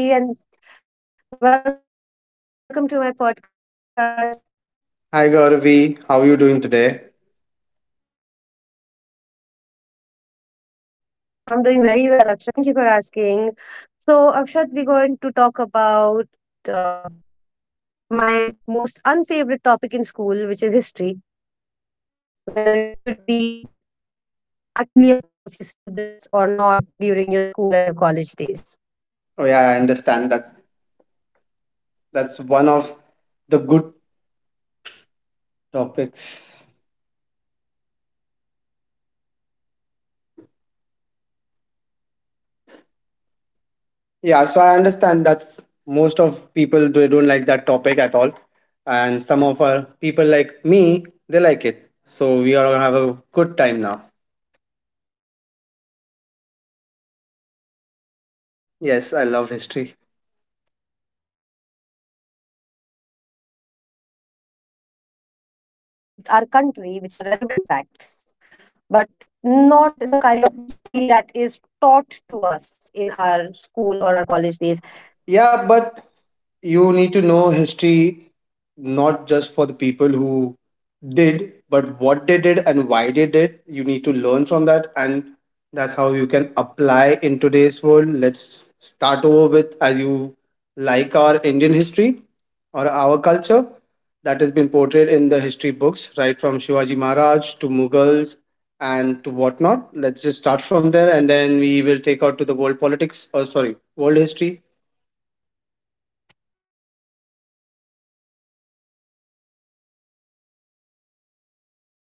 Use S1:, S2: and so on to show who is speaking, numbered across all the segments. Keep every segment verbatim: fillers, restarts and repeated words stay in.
S1: Hi Akshat, this is Gauravi and welcome to my podcast.
S2: Hi Gauravi, how are you doing today?
S1: I'm doing very well, Akshat. Thank you for asking. So, Akshat, we're going to talk about uh, my most unfavorite topic in school, which is history, whether it should be actually a part of your syllabus or not during your school and your college days.
S2: Oh yeah, I understand. That's that's one of the good topics. Yeah, so I understand that's most of people they don't like that topic at all, and some of our people like me they like it. So we are gonna have a good time now.
S1: Oh my God, you love
S2: Yes, I
S1: history,
S2: love
S1: is it?
S2: history.
S1: I mean, I do like history about our country, which are relevant facts. But not the kind of history that is taught to us in our school or our college days.
S2: Yeah, but you need to know history not just for the people who did, but what they did and why they did. You need to learn from that, and that's how you can apply in today's world. Let's start over with as you like our Indian history or our culture that has been portrayed in the history books, right from Shivaji Maharaj to Mughals and to whatnot. Let's just start from there, and then we will take out to the world politics. Or sorry, world history.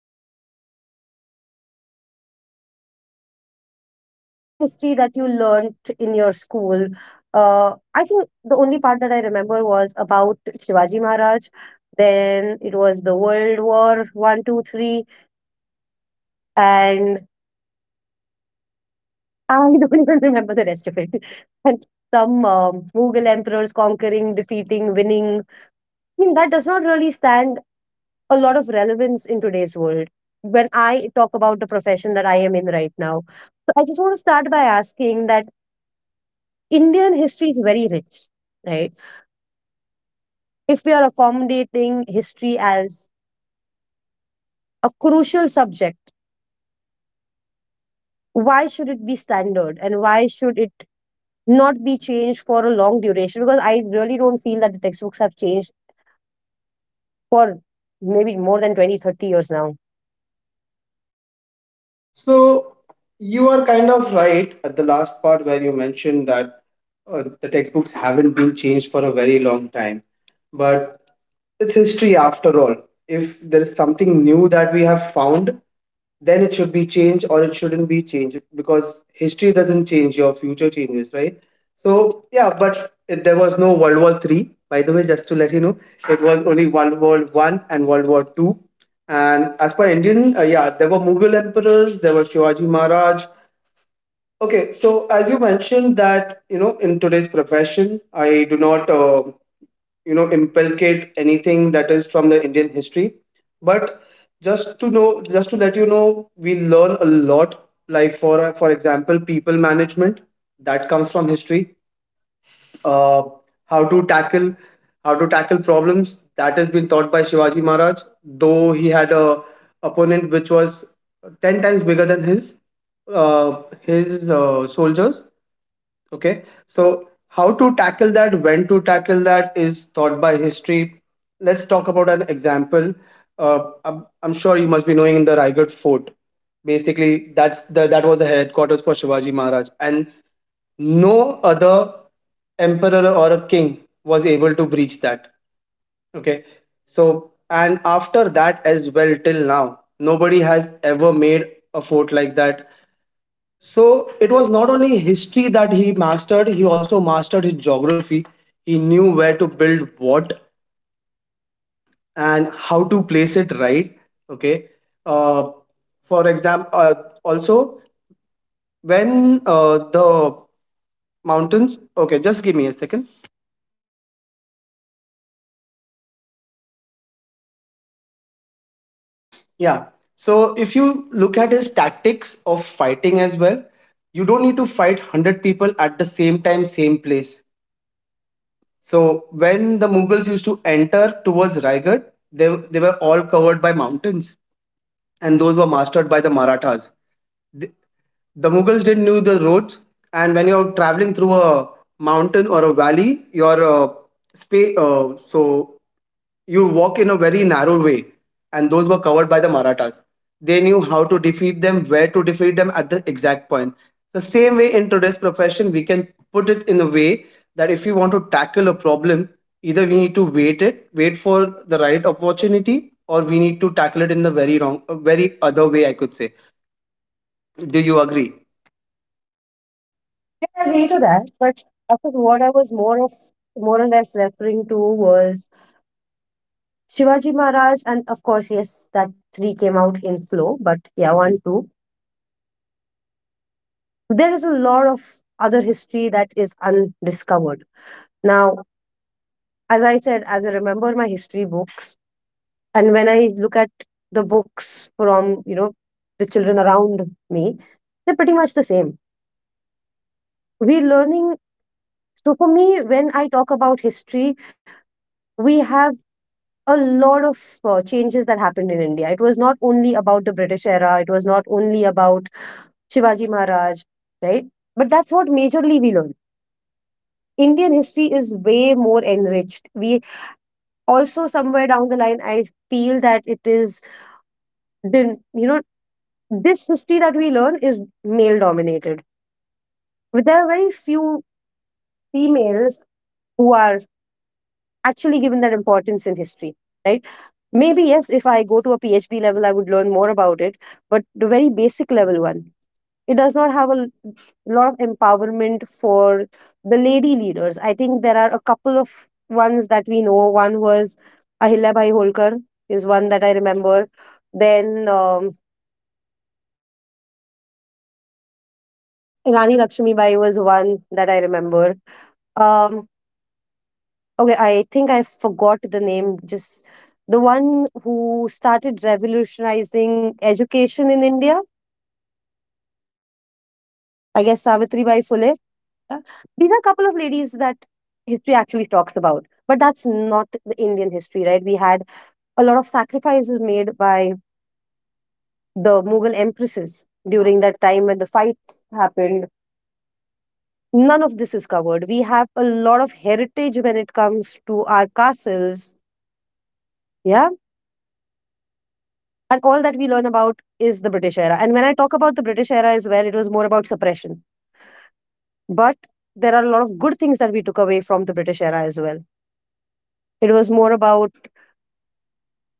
S1: Okay, sure, Akshat. So let me start with this. Let me ask you a question. So, whatever history that you learned in your school, uh, I think the only part that I remember was about Shivaji Maharaj. Then it was the World War One, Two, Three, and I don't even remember the rest of it. And some um, Mughal emperors conquering, defeating, winning, I mean, that does not really stand a lot of relevance in today's world. When I talk about the profession that I am in right now, so I just want to start by asking that Indian history is very rich, right? If we are accommodating history as a crucial subject, why should it be standard and why should it not be changed for a long duration? Because I really don't feel that the textbooks have changed for maybe more than twenty, thirty years now.
S2: So you are kind of right at the last part where you mentioned that uh, the textbooks haven't been changed for a very long time. But it's history after all. If there is something new that we have found, then it should be changed or it shouldn't be changed because history doesn't change, your future changes, right? So, yeah, but it, there was no World War Three, by the way, just to let you know, it was only World War One and World War Two. And as per Indian, uh, yeah, there were Mughal emperors, there were Shivaji Maharaj. Okay, so as you mentioned that you know in today's profession, I do not uh, you know inculcate anything that is from the Indian history, but just to know, just to let you know, we learn a lot. Like for for example, people management that comes from history, uh, how to tackle how to tackle problems that has been taught by Shivaji Maharaj. Though he had a opponent which was ten times bigger than his uh, his uh, soldiers. Okay, so how to tackle that, when to tackle that is taught by history. Let's talk about an example. Uh, I'm, I'm sure you must be knowing the Raigad Fort. Basically, that's the that was the headquarters for Shivaji Maharaj, and no other emperor or a king was able to breach that. Okay. So and after that as well, till now nobody has ever made a fort like that. So it was not only history that he mastered, he also mastered his geography. He knew where to build what and how to place it, right? Okay. uh, for example, uh, also when uh, the mountains. Okay, just give me a second. Yeah. So if you look at his tactics of fighting as well, you don't need to fight a hundred people at the same time, same place. So when the Mughals used to enter towards Raigad, they, they were all covered by mountains, and those were mastered by the Marathas. The Mughals didn't knew the roads, and when you're traveling through a mountain or a valley, your uh, spa- uh, so you walk in a very narrow way, and those were covered by the Marathas. They knew how to defeat them, where to defeat them at the exact point. The same way in today's profession, we can put it in a way that if we want to tackle a problem, either we need to wait it, wait for the right opportunity, or we need to tackle it in the very wrong, a very other way, I could say. Do you agree?
S1: I agree to that, but I think what I was more of more or less referring to was Shivaji Maharaj, and of course, yes, that three came out in flow, but yeah, one, two. There is a lot of other history that is undiscovered. Now, as I said, as I remember my history book, and when I look at the books from you know the children around me, they're pretty much the same. We're learning. So for me, when I talk about history, we have a lot of uh, changes that happened in India. It was not only about the British era, it was not only about Shivaji Maharaj, right? But that's what majorly we learned. Indian history is way more enriched. We also somewhere down the line, I feel that it is, been- you know, this history that we learn is male dominated. There are very few females who are actually given that importance in history, right? Maybe, yes, if I go to a P H D level, I would learn more about it, but the very basic level one, it does not have a l- lot of empowerment for the lady leaders. I think there are a couple of ones that we know. One was Ahilya Bhai Holkar is one that I remember. Then um, Rani Lakshmi Bai was one that I remember. Um, okay, I think I forgot the name. Just the one who started revolutionizing education in India. I guess Savitri Bai Phule. Yeah. These are a couple of ladies that history actually talks about, but that's not the Indian history, right? We had a lot of sacrifices made by the Mughal empresses during that time when the fights happened. None of this is covered. We have a lot of heritage when it comes to our castles, yeah. And all that we learn about is the British era. And when I talk about the British era as well, it was more about suppression. But there are a lot of good things that we took away from the British era as well. It was more about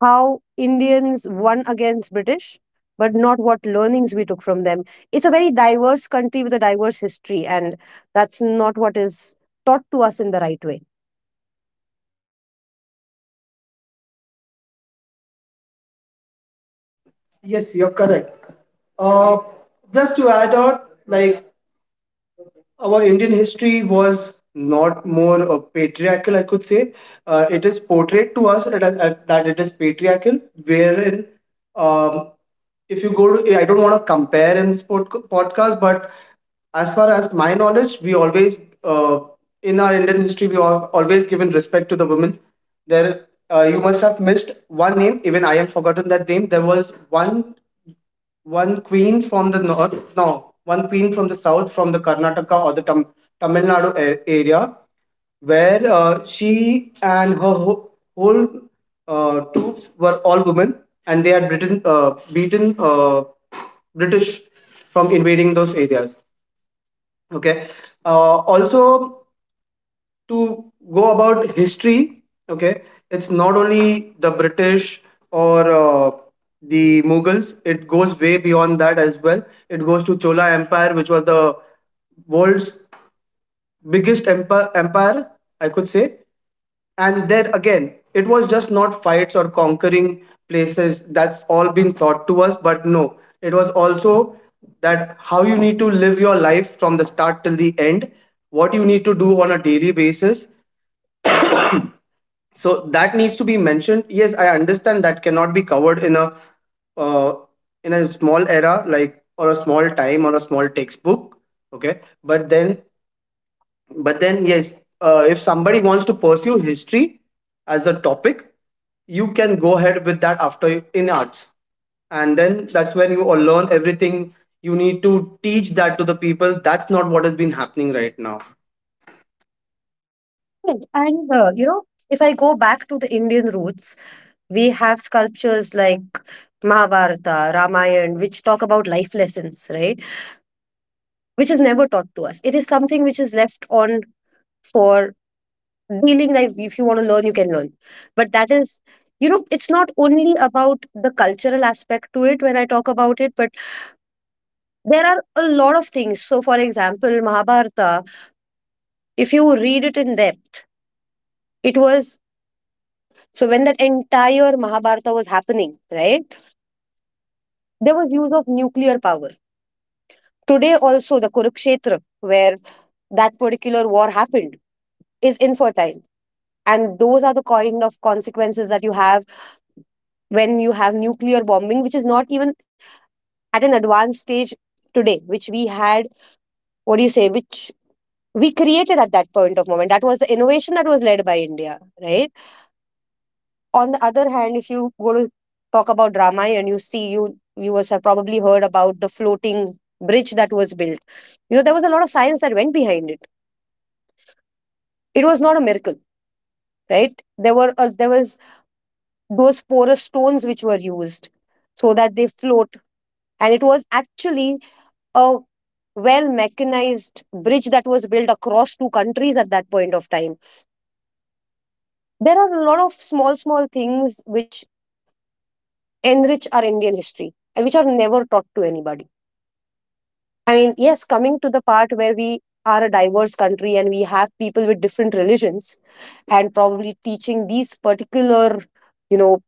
S1: how Indians won against British, but not what learnings we took from them. It's a very diverse country with a diverse history, and that's not what is taught to us in the right way.
S2: Yes, you're correct. Uh, just to add on, like our Indian history was not more uh, patriarchal, I could say. Uh, it is portrayed to us that, that that it is patriarchal, wherein um, if you go to, I don't want to compare in this pod- podcast, but as far as my knowledge, we always, uh, in our Indian history, we have always given respect to the women. There, uh, you must have missed one name. Even I have forgotten that name. There was one one queen from the north, no, one queen from the south, from the Karnataka or the Tam- Tamil Nadu a- area, where uh, she and her whole, whole uh, troops were all women, and they had Britain, uh, beaten uh, British from invading those areas. Okay. Uh, also, to go about history, okay, it's not only the British or uh, the Mughals. It goes way beyond that as well. It goes to Chola Empire, which was the world's biggest empire, empire I could say. And there again, it was just not fights or conquering places that's all been taught to us. But no, it was also that how you need to live your life from the start till the end, what you need to do on a daily basis. So that needs to be mentioned. Yes, I understand that cannot be covered in a uh, in a small era, like, or a small time or a small textbook. Okay, but then, but then yes, uh, if somebody wants to pursue history as a topic, you can go ahead with that after you- in arts, and then that's when you all learn everything. You need to teach that to the people. That's not what has been happening right now.
S1: Right. And, uh, you know, if I go back to the Indian roots, we have sculptures like Mahabharata, Ramayana, which talk about life lessons, right? Which is never taught to us. It is something which is left on for feeling that if you want to learn, you can learn. But that is, you know, it's not only about the cultural aspect to it when I talk about it, but there are a lot of things. So, for example, Mahabharata, if you read it in depth, it was so when that entire Mahabharata was happening, right? There was use of nuclear power. Today, also, the Kurukshetra, where that particular war happened, is infertile. And those are the kind of consequences that you have when you have nuclear bombing, which is not even at an advanced stage today, which we had, what do you say, which we created at that point of moment. That was the innovation that was led by India, right? On the other hand, if you go to talk about drama and you see you you must have probably heard about the floating bridge that was built. You know, there was a lot of science that went behind it. It was not a miracle, right? There were uh, there was those porous stones which were used so that they float, and it was actually a well mechanized bridge that was built across two countries at that point of time. There are a lot of small, small things which enrich our Indian history and which are never taught to anybody. I mean, yes, coming to the part where we are a diverse country and we have people with different religions, and probably teaching these particular, you know,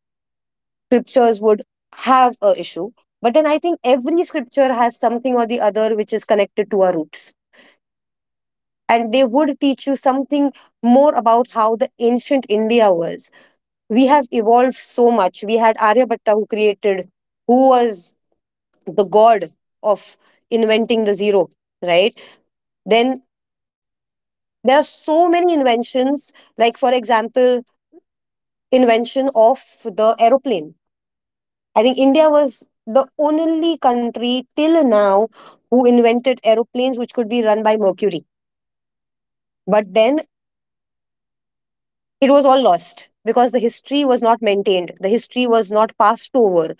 S1: scriptures would have a issue. But then I think every scripture has something or the other which is connected to our roots, and they would teach you something more about how the ancient India was. We have evolved so much. We had Aryabhatta who created, who was the god of inventing the zero, right? Then there are so many inventions, like for example, invention of the aeroplane. I think India was the only country till now who invented aeroplanes which could be run by mercury. But then it was all lost because the history was not maintained, the history was not passed over,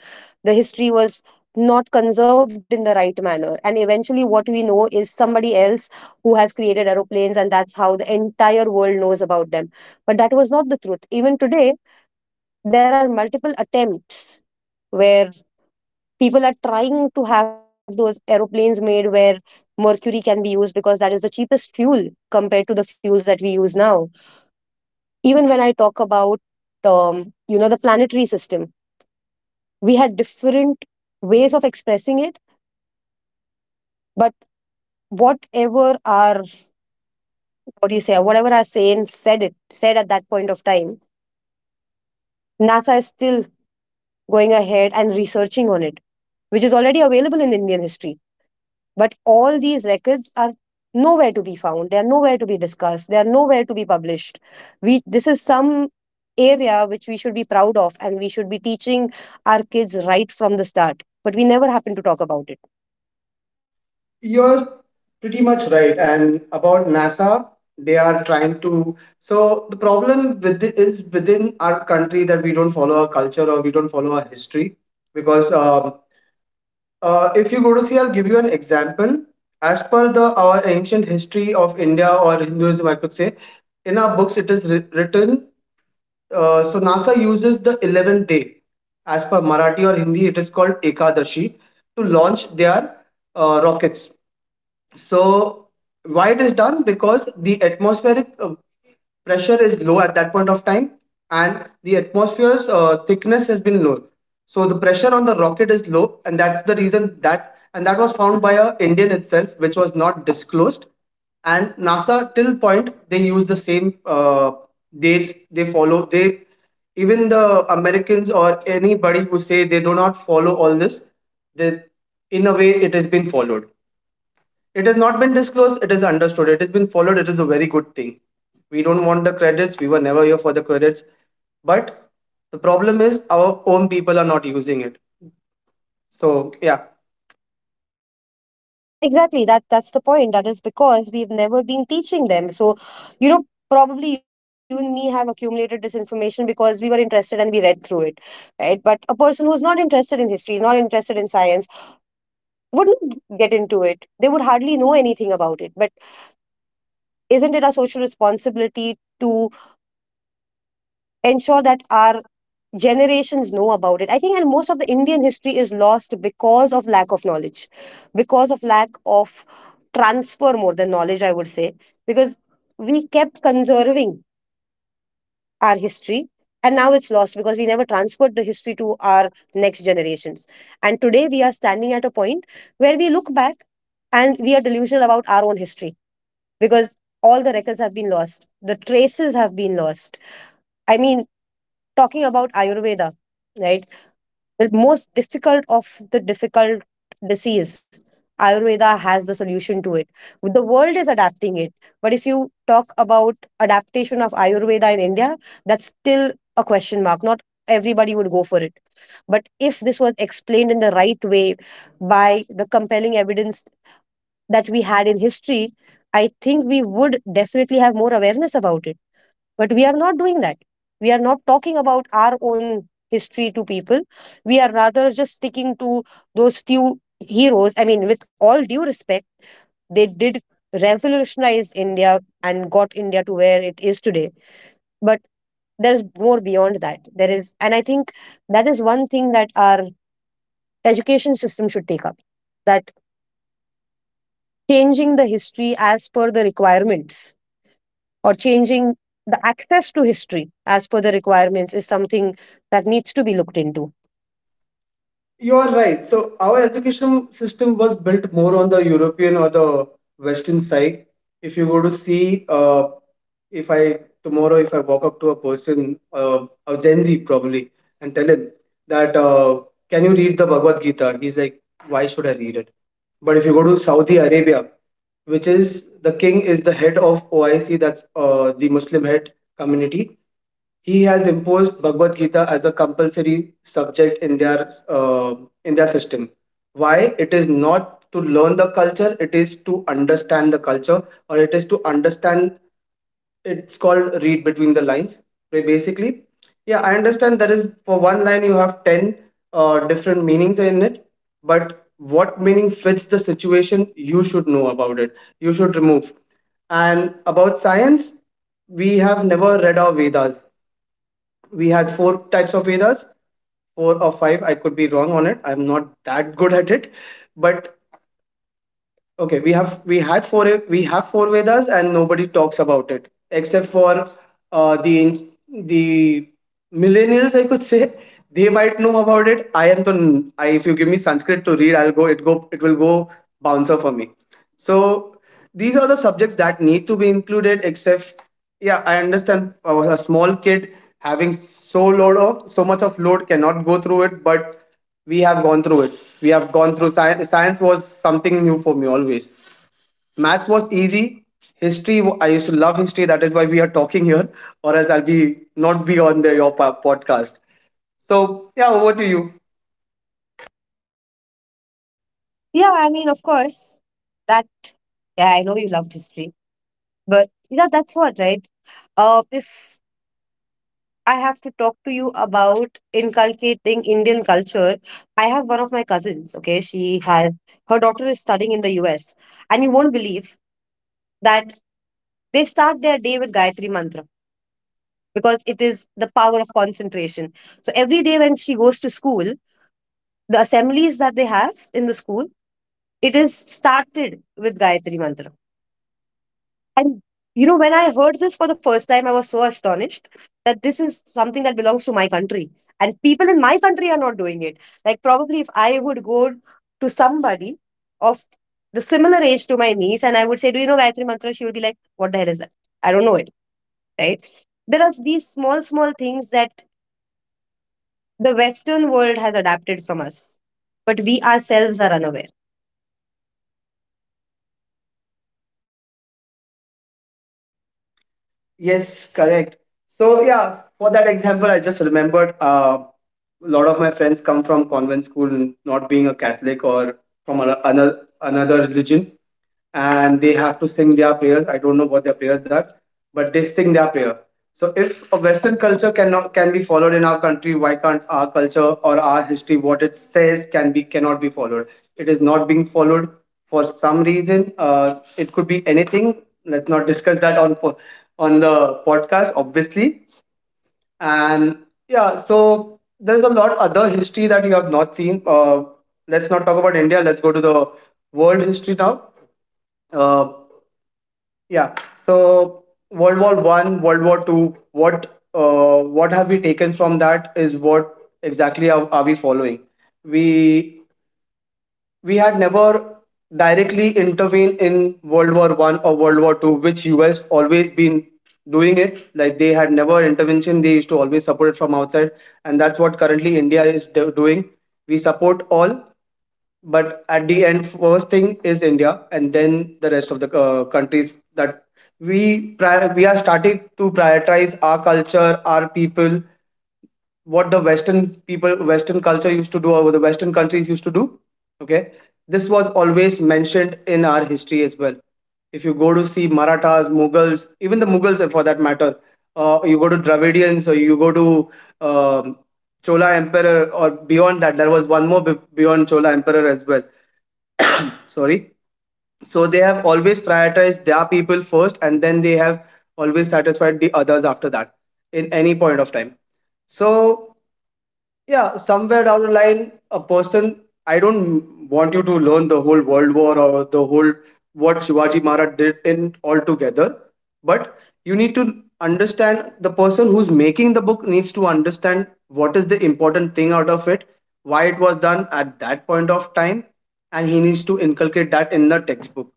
S1: the history was not conserved in the right manner. And eventually, what we know is somebody else who has created aeroplanes, and that's how the entire world knows about them. But that was not the truth. Even today, there are multiple attempts where people are trying to have those aeroplanes made where mercury can be used because that is the cheapest fuel compared to the fuels that we use now. Even when I talk about, um, you know, the planetary system, we had different ways of expressing it. But whatever our, what do you say, whatever our saying said it, said at that point of time, NASA is still going ahead and researching on it, which is already available in Indian history. But all these records are nowhere to be found. They are nowhere to be discussed. They are nowhere to be published. We this is some area which we should be proud of, and we should be teaching our kids right from the start. But we never happen to talk about it.
S2: You're pretty much right. And about NASA, they are trying to. So the problem with it is within our country that we don't follow our culture or we don't follow our history. Because um, uh, if you go to see, I'll give you an example. As per the our ancient history of India or Hinduism, I could say, in our books it is writ- written. Uh, so NASA uses the eleventh day. As per Marathi or Hindi, it is called Ekadashi to launch their uh, rockets. So why it is done? Because the atmospheric uh, pressure is low at that point of time, and the atmosphere's uh, thickness has been low. So the pressure on the rocket is low, and that's the reason that, and that was found by a Indian itself, which was not disclosed. And NASA till point they use the same uh, dates they follow. They, even the Americans or anybody who say they do not follow all this, they in a way it has been followed. It has not been disclosed, it is understood, it has been followed, it is a very good thing. We don't want the credits, we were never here for the credits. But the problem is our own people are not using it. So yeah.
S1: And yeah, exactly. That that's the point. That is because we've never been teaching them. So, you know, probably you and me have accumulated this information because we were interested and we read through it. Right. But a person who's not interested in history, is not interested in science, wouldn't get into it. They would hardly know anything about it. But isn't it our social responsibility to ensure that our generations know about it? I think, and most of the Indian history is lost because of lack of knowledge, because of lack of transfer more than knowledge, I would say, because we kept conserving our history. And now it's lost because we never transferred the history to our next generations. And today we are standing at a point where we look back and we are delusional about our own history because all the records have been lost, the traces have been lost. I mean, talking about Ayurveda, right? The most difficult of the difficult disease, ayurveda has the solution to it. The world is adapting it, but if you talk about adaptation of ayurveda in India, that's still a question mark. Not everybody would go for it, but if this was explained in the right way, by the compelling evidence that we had in history, I think we would definitely have more awareness about it. But we are not doing that. We are not talking about our own history to people. We are rather just sticking to those few heroes. I mean, with all due respect, they did revolutionize India and got India to where it is today. But there's more beyond that. There is, and I think that is one thing that our education system should take up, that changing the history as per the requirements or changing the access to history as per the requirements is something that needs to be looked into.
S2: You are right. So our education system was built more on the European or the Western side. If you go to see, uh, if I tomorrow if I walk up to a person, uh, a Gen Z probably, and tell him that, uh, can you read the Bhagavad Gita? He's like, why should I read it? But if you go to Saudi Arabia, which is the king is the head of O I C, that's uh, the Muslim head community. He has imposed Bhagavad Gita as a compulsory subject in their uh, in their system. Why? It is not to learn the culture; it is to understand the culture, or it is to understand. It's called read between the lines. Where basically, yeah, I understand, there is for one line you have ten uh, different meanings in it. But what meaning fits the situation, you should know about it, you should remove. And about science, we have never read our Vedas. We had four types of Vedas, four or five. I could be wrong on it. I'm not that good at it, but okay, we have we had four we have four Vedas and nobody talks about it except for uh, the the millennials, I could say. They might know about it. I am the n- I, If you give me Sanskrit to read, I'll go. It go it will go bouncer for me. So these are the subjects that need to be included. Except yeah, I understand, uh, a small kid having so load of so much of load cannot go through it, but we have gone through it we have gone through science science. Was something new for me always. Maths was easy. History, w- I used to love history. That is why we are talking here. Or else I'll be not be on the your po- podcast. So yeah, over to you.
S1: Yeah, I mean, of course, that, yeah, I know you loved history, but yeah, that's what, right? Uh, if I have to talk to you about inculcating Indian culture, I have one of my cousins, okay? She has, her daughter is studying in the U S, and you won't believe that they start their day with Gayatri Mantra because it is the power of concentration. So every day when she goes to school, the assemblies that they have in the school, it is started with Gayatri Mantra. And you know, when I heard this for the first time, I was so astonished that this is something that belongs to my country. And people in my country are not doing it. Like, probably if I would go to somebody of the similar age to my niece and I would say, do you know Gayatri Mantra? She would be like, what the hell is that? I don't know it, right? There are these small, small things that the Western world has adapted from us, but we ourselves are unaware.
S2: Yes, correct. So yeah, for that example, I just remembered, uh, a lot of my friends come from convent school, not being a Catholic or from ano- another another religion, and they have to sing their prayers. I don't know what their prayers are, but they sing their prayer. So if a Western culture cannot can be followed in our country, why can't our culture or our history, what it says, can be cannot be followed? It is not being followed for some reason. Uh, it could be anything. Let's not discuss that on po- on the podcast, obviously. And yeah, so there's a lot other history that you have not seen. Uh, let's not talk about India. Let's go to the world history now. Uh, yeah. So World War One, World War Two. What uh, what have we taken from that? Is what exactly are, are we following? We we had never directly intervened in World War One or World War Two, which U S always been doing it. Like they had never intervention. They used to always support it from outside, and that's what currently India is do- doing. We support all, but at the end first thing is India and then the rest of the uh, countries that we pri- we are starting to prioritize our culture, our people, what the western people, western culture used to do, or what the western countries used to do. Okay, this was always mentioned in our history as well. If you go to see Marathas, Mughals, even the Mughals eh, for that matter, uh, you go to Dravidians, or you go to um, Chola emperor, or beyond that there was one more be- beyond Chola emperor as well. Sorry. So they have always prioritized their people first, and then they have always satisfied the others after that, in any point of time. So yeah, somewhere down the line, a person, I don't want you to learn the whole world war or the whole what Shivaji Maharaj did in altogether, but you need to understand the person who's making the book needs to understand what is the important thing out of it, why it was done at that point of time, and he needs to inculcate that in the textbook,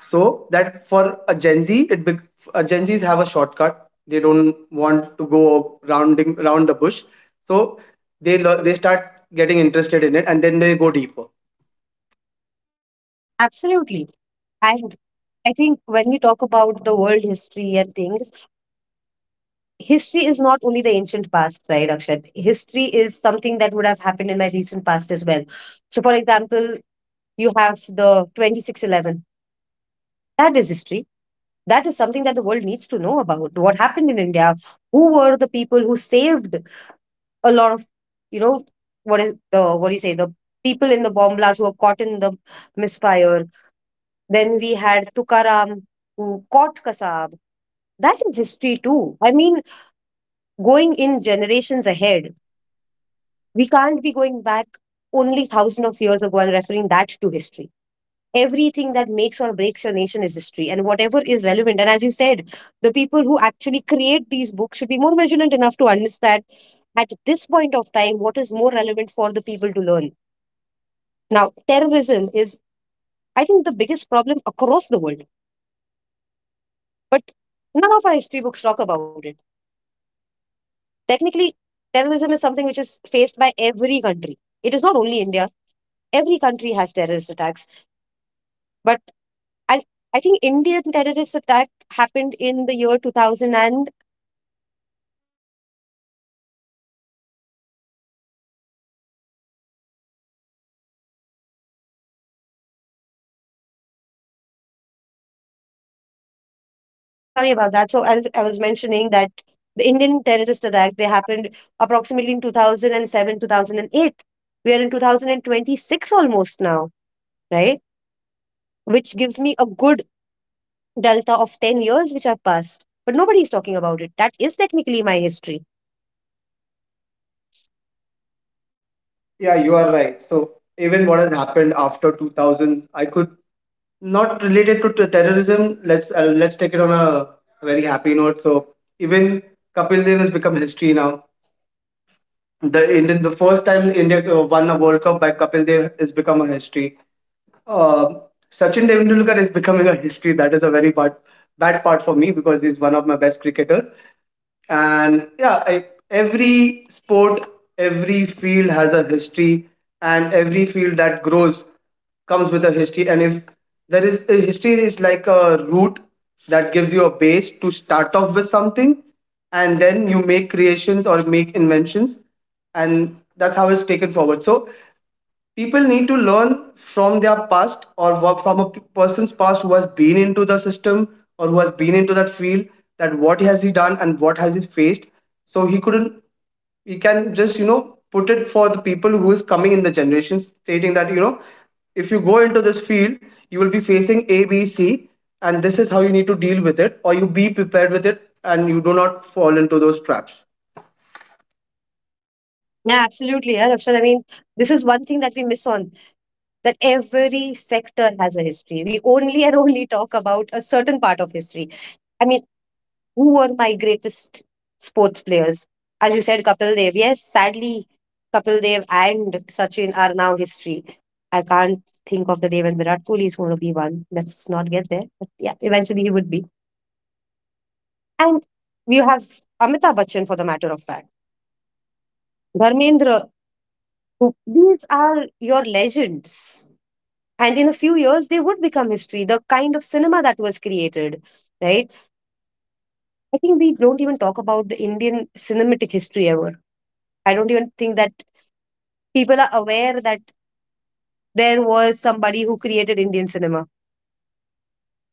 S2: so that for a Gen Z it bec- uh, Gen Z's have a shortcut. They don't want to go rounding round the bush. So they lear- they start getting interested in it, and then they go deeper.
S1: Absolutely. And I think when we talk about the world history and things, history is not only the ancient past, right, Akshat? History is something that would have happened in my recent past as well. So, for example, you have the twenty six eleven. That is history. That is something that the world needs to know about. What happened in India? Who were the people who saved a lot of, you know, what is the, what do you say, the people in the bomb blast who were caught in the misfire? Then we had Tukaram, who caught Kasab. That is history too. I mean, going in generations ahead, we can't be going back only thousand of years ago and referring that to history. Everything that makes or breaks your nation is history, and whatever is relevant. And as you said, the people who actually create these books should be more vigilant enough to understand at this point of time what is more relevant for the people to learn. Now, terrorism is, I think, the biggest problem across the world, but none of our history books talk about it. Technically, terrorism is something which is faced by every country. It is not only India. Every country has terrorist attacks. But I, I think Indian terrorist attack happened in the year two thousand and sorry about that. So I was, I was mentioning that the Indian terrorist attack, they happened approximately in two thousand seven, two thousand eight. We are in two thousand twenty-six almost now, right? Which gives me a good delta of ten years which have passed. But nobody is talking about it. That is technically my history.
S2: Yeah, you are right. So even what has happened after two thousands, I could not related to t- terrorism. Let's uh, let's take it on a very happy note. So even Kapil Dev has become history now. The, in the first time India uh, won a world cup by Kapil Dev has become a history. Uh, Sachin Tendulkar is becoming a history. That is a very part, bad part for me, because he's one of my best cricketers. And yeah, I, every sport, every field has a history, and every field that grows comes with a history. And if there is a history, is like a root that gives you a base to start off with something, and then you make creations or make inventions, and that's how it's taken forward. So people need to learn from their past, or work from a p- person's past who has been into the system or who has been into that field, that what has he done and what has he faced, so he couldn't, he can just, you know, put it for the people who is coming in the generations, stating that, you know, if you go into this field, you will be facing a b c, and this is how you need to deal with it, or you be prepared with it and you do not fall into those traps.
S1: Yeah, absolutely, yeah, Rakshan. I mean, this is one thing that we miss on, that every sector has a history. We only and only talk about a certain part of history. I mean, who were my greatest sports players? As you said, Kapil Dev. Yes, sadly, Kapil Dev and Sachin are now history. I can't think of the day when Virat Kohli is going to be one. Let's not get there. But yeah, eventually he would be. And you have Amitabh Bachchan for the matter of fact. Dharmendra, who, these are your legends, and in a few years they would become history. The kind of cinema that was created, right? I think we don't even talk about the Indian cinematic history ever. I don't even think that people are aware that there was somebody who created Indian cinema.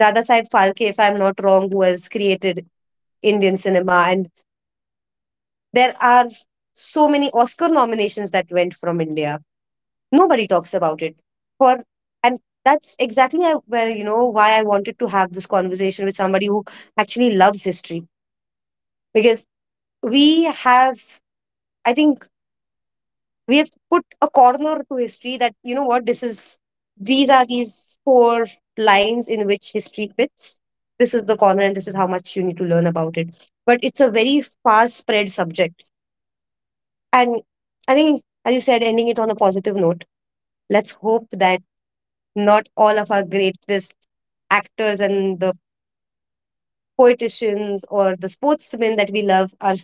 S1: Dada Saheb Phalke, if I'm not wrong, who has created Indian cinema. And there are so many Oscar nominations that went from India. Nobody talks about it. For and that's exactly where, you know, why I wanted to have this conversation with somebody who actually loves history. Because we have, I think we have put a corner to history, that you know what, this is, these are these four lines in which history fits. This is the corner and this is how much you need to learn about it. But it's a very far spread subject. And I think as you said, ending it on a positive note, let's hope that not all of our greatest actors and the poeticians or the sportsmen that we love are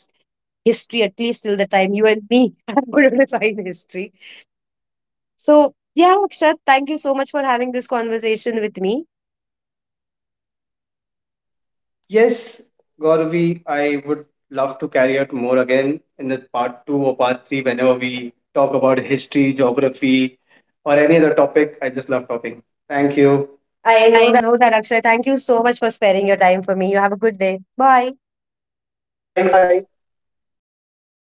S1: history at least till the time you and me are going to find history. So, yeah, Akshat, thank you so much for having this conversation with me.
S2: Yes, Gauravi, I would love to carry out more again in the part two or part three whenever we talk about history, geography, or any other topic. I just love talking. Thank you. I know
S1: I
S2: that.
S1: know that, Akshat. Thank you so much for sparing your time for me. You have a good day. Bye.
S2: Bye.
S1: Bye.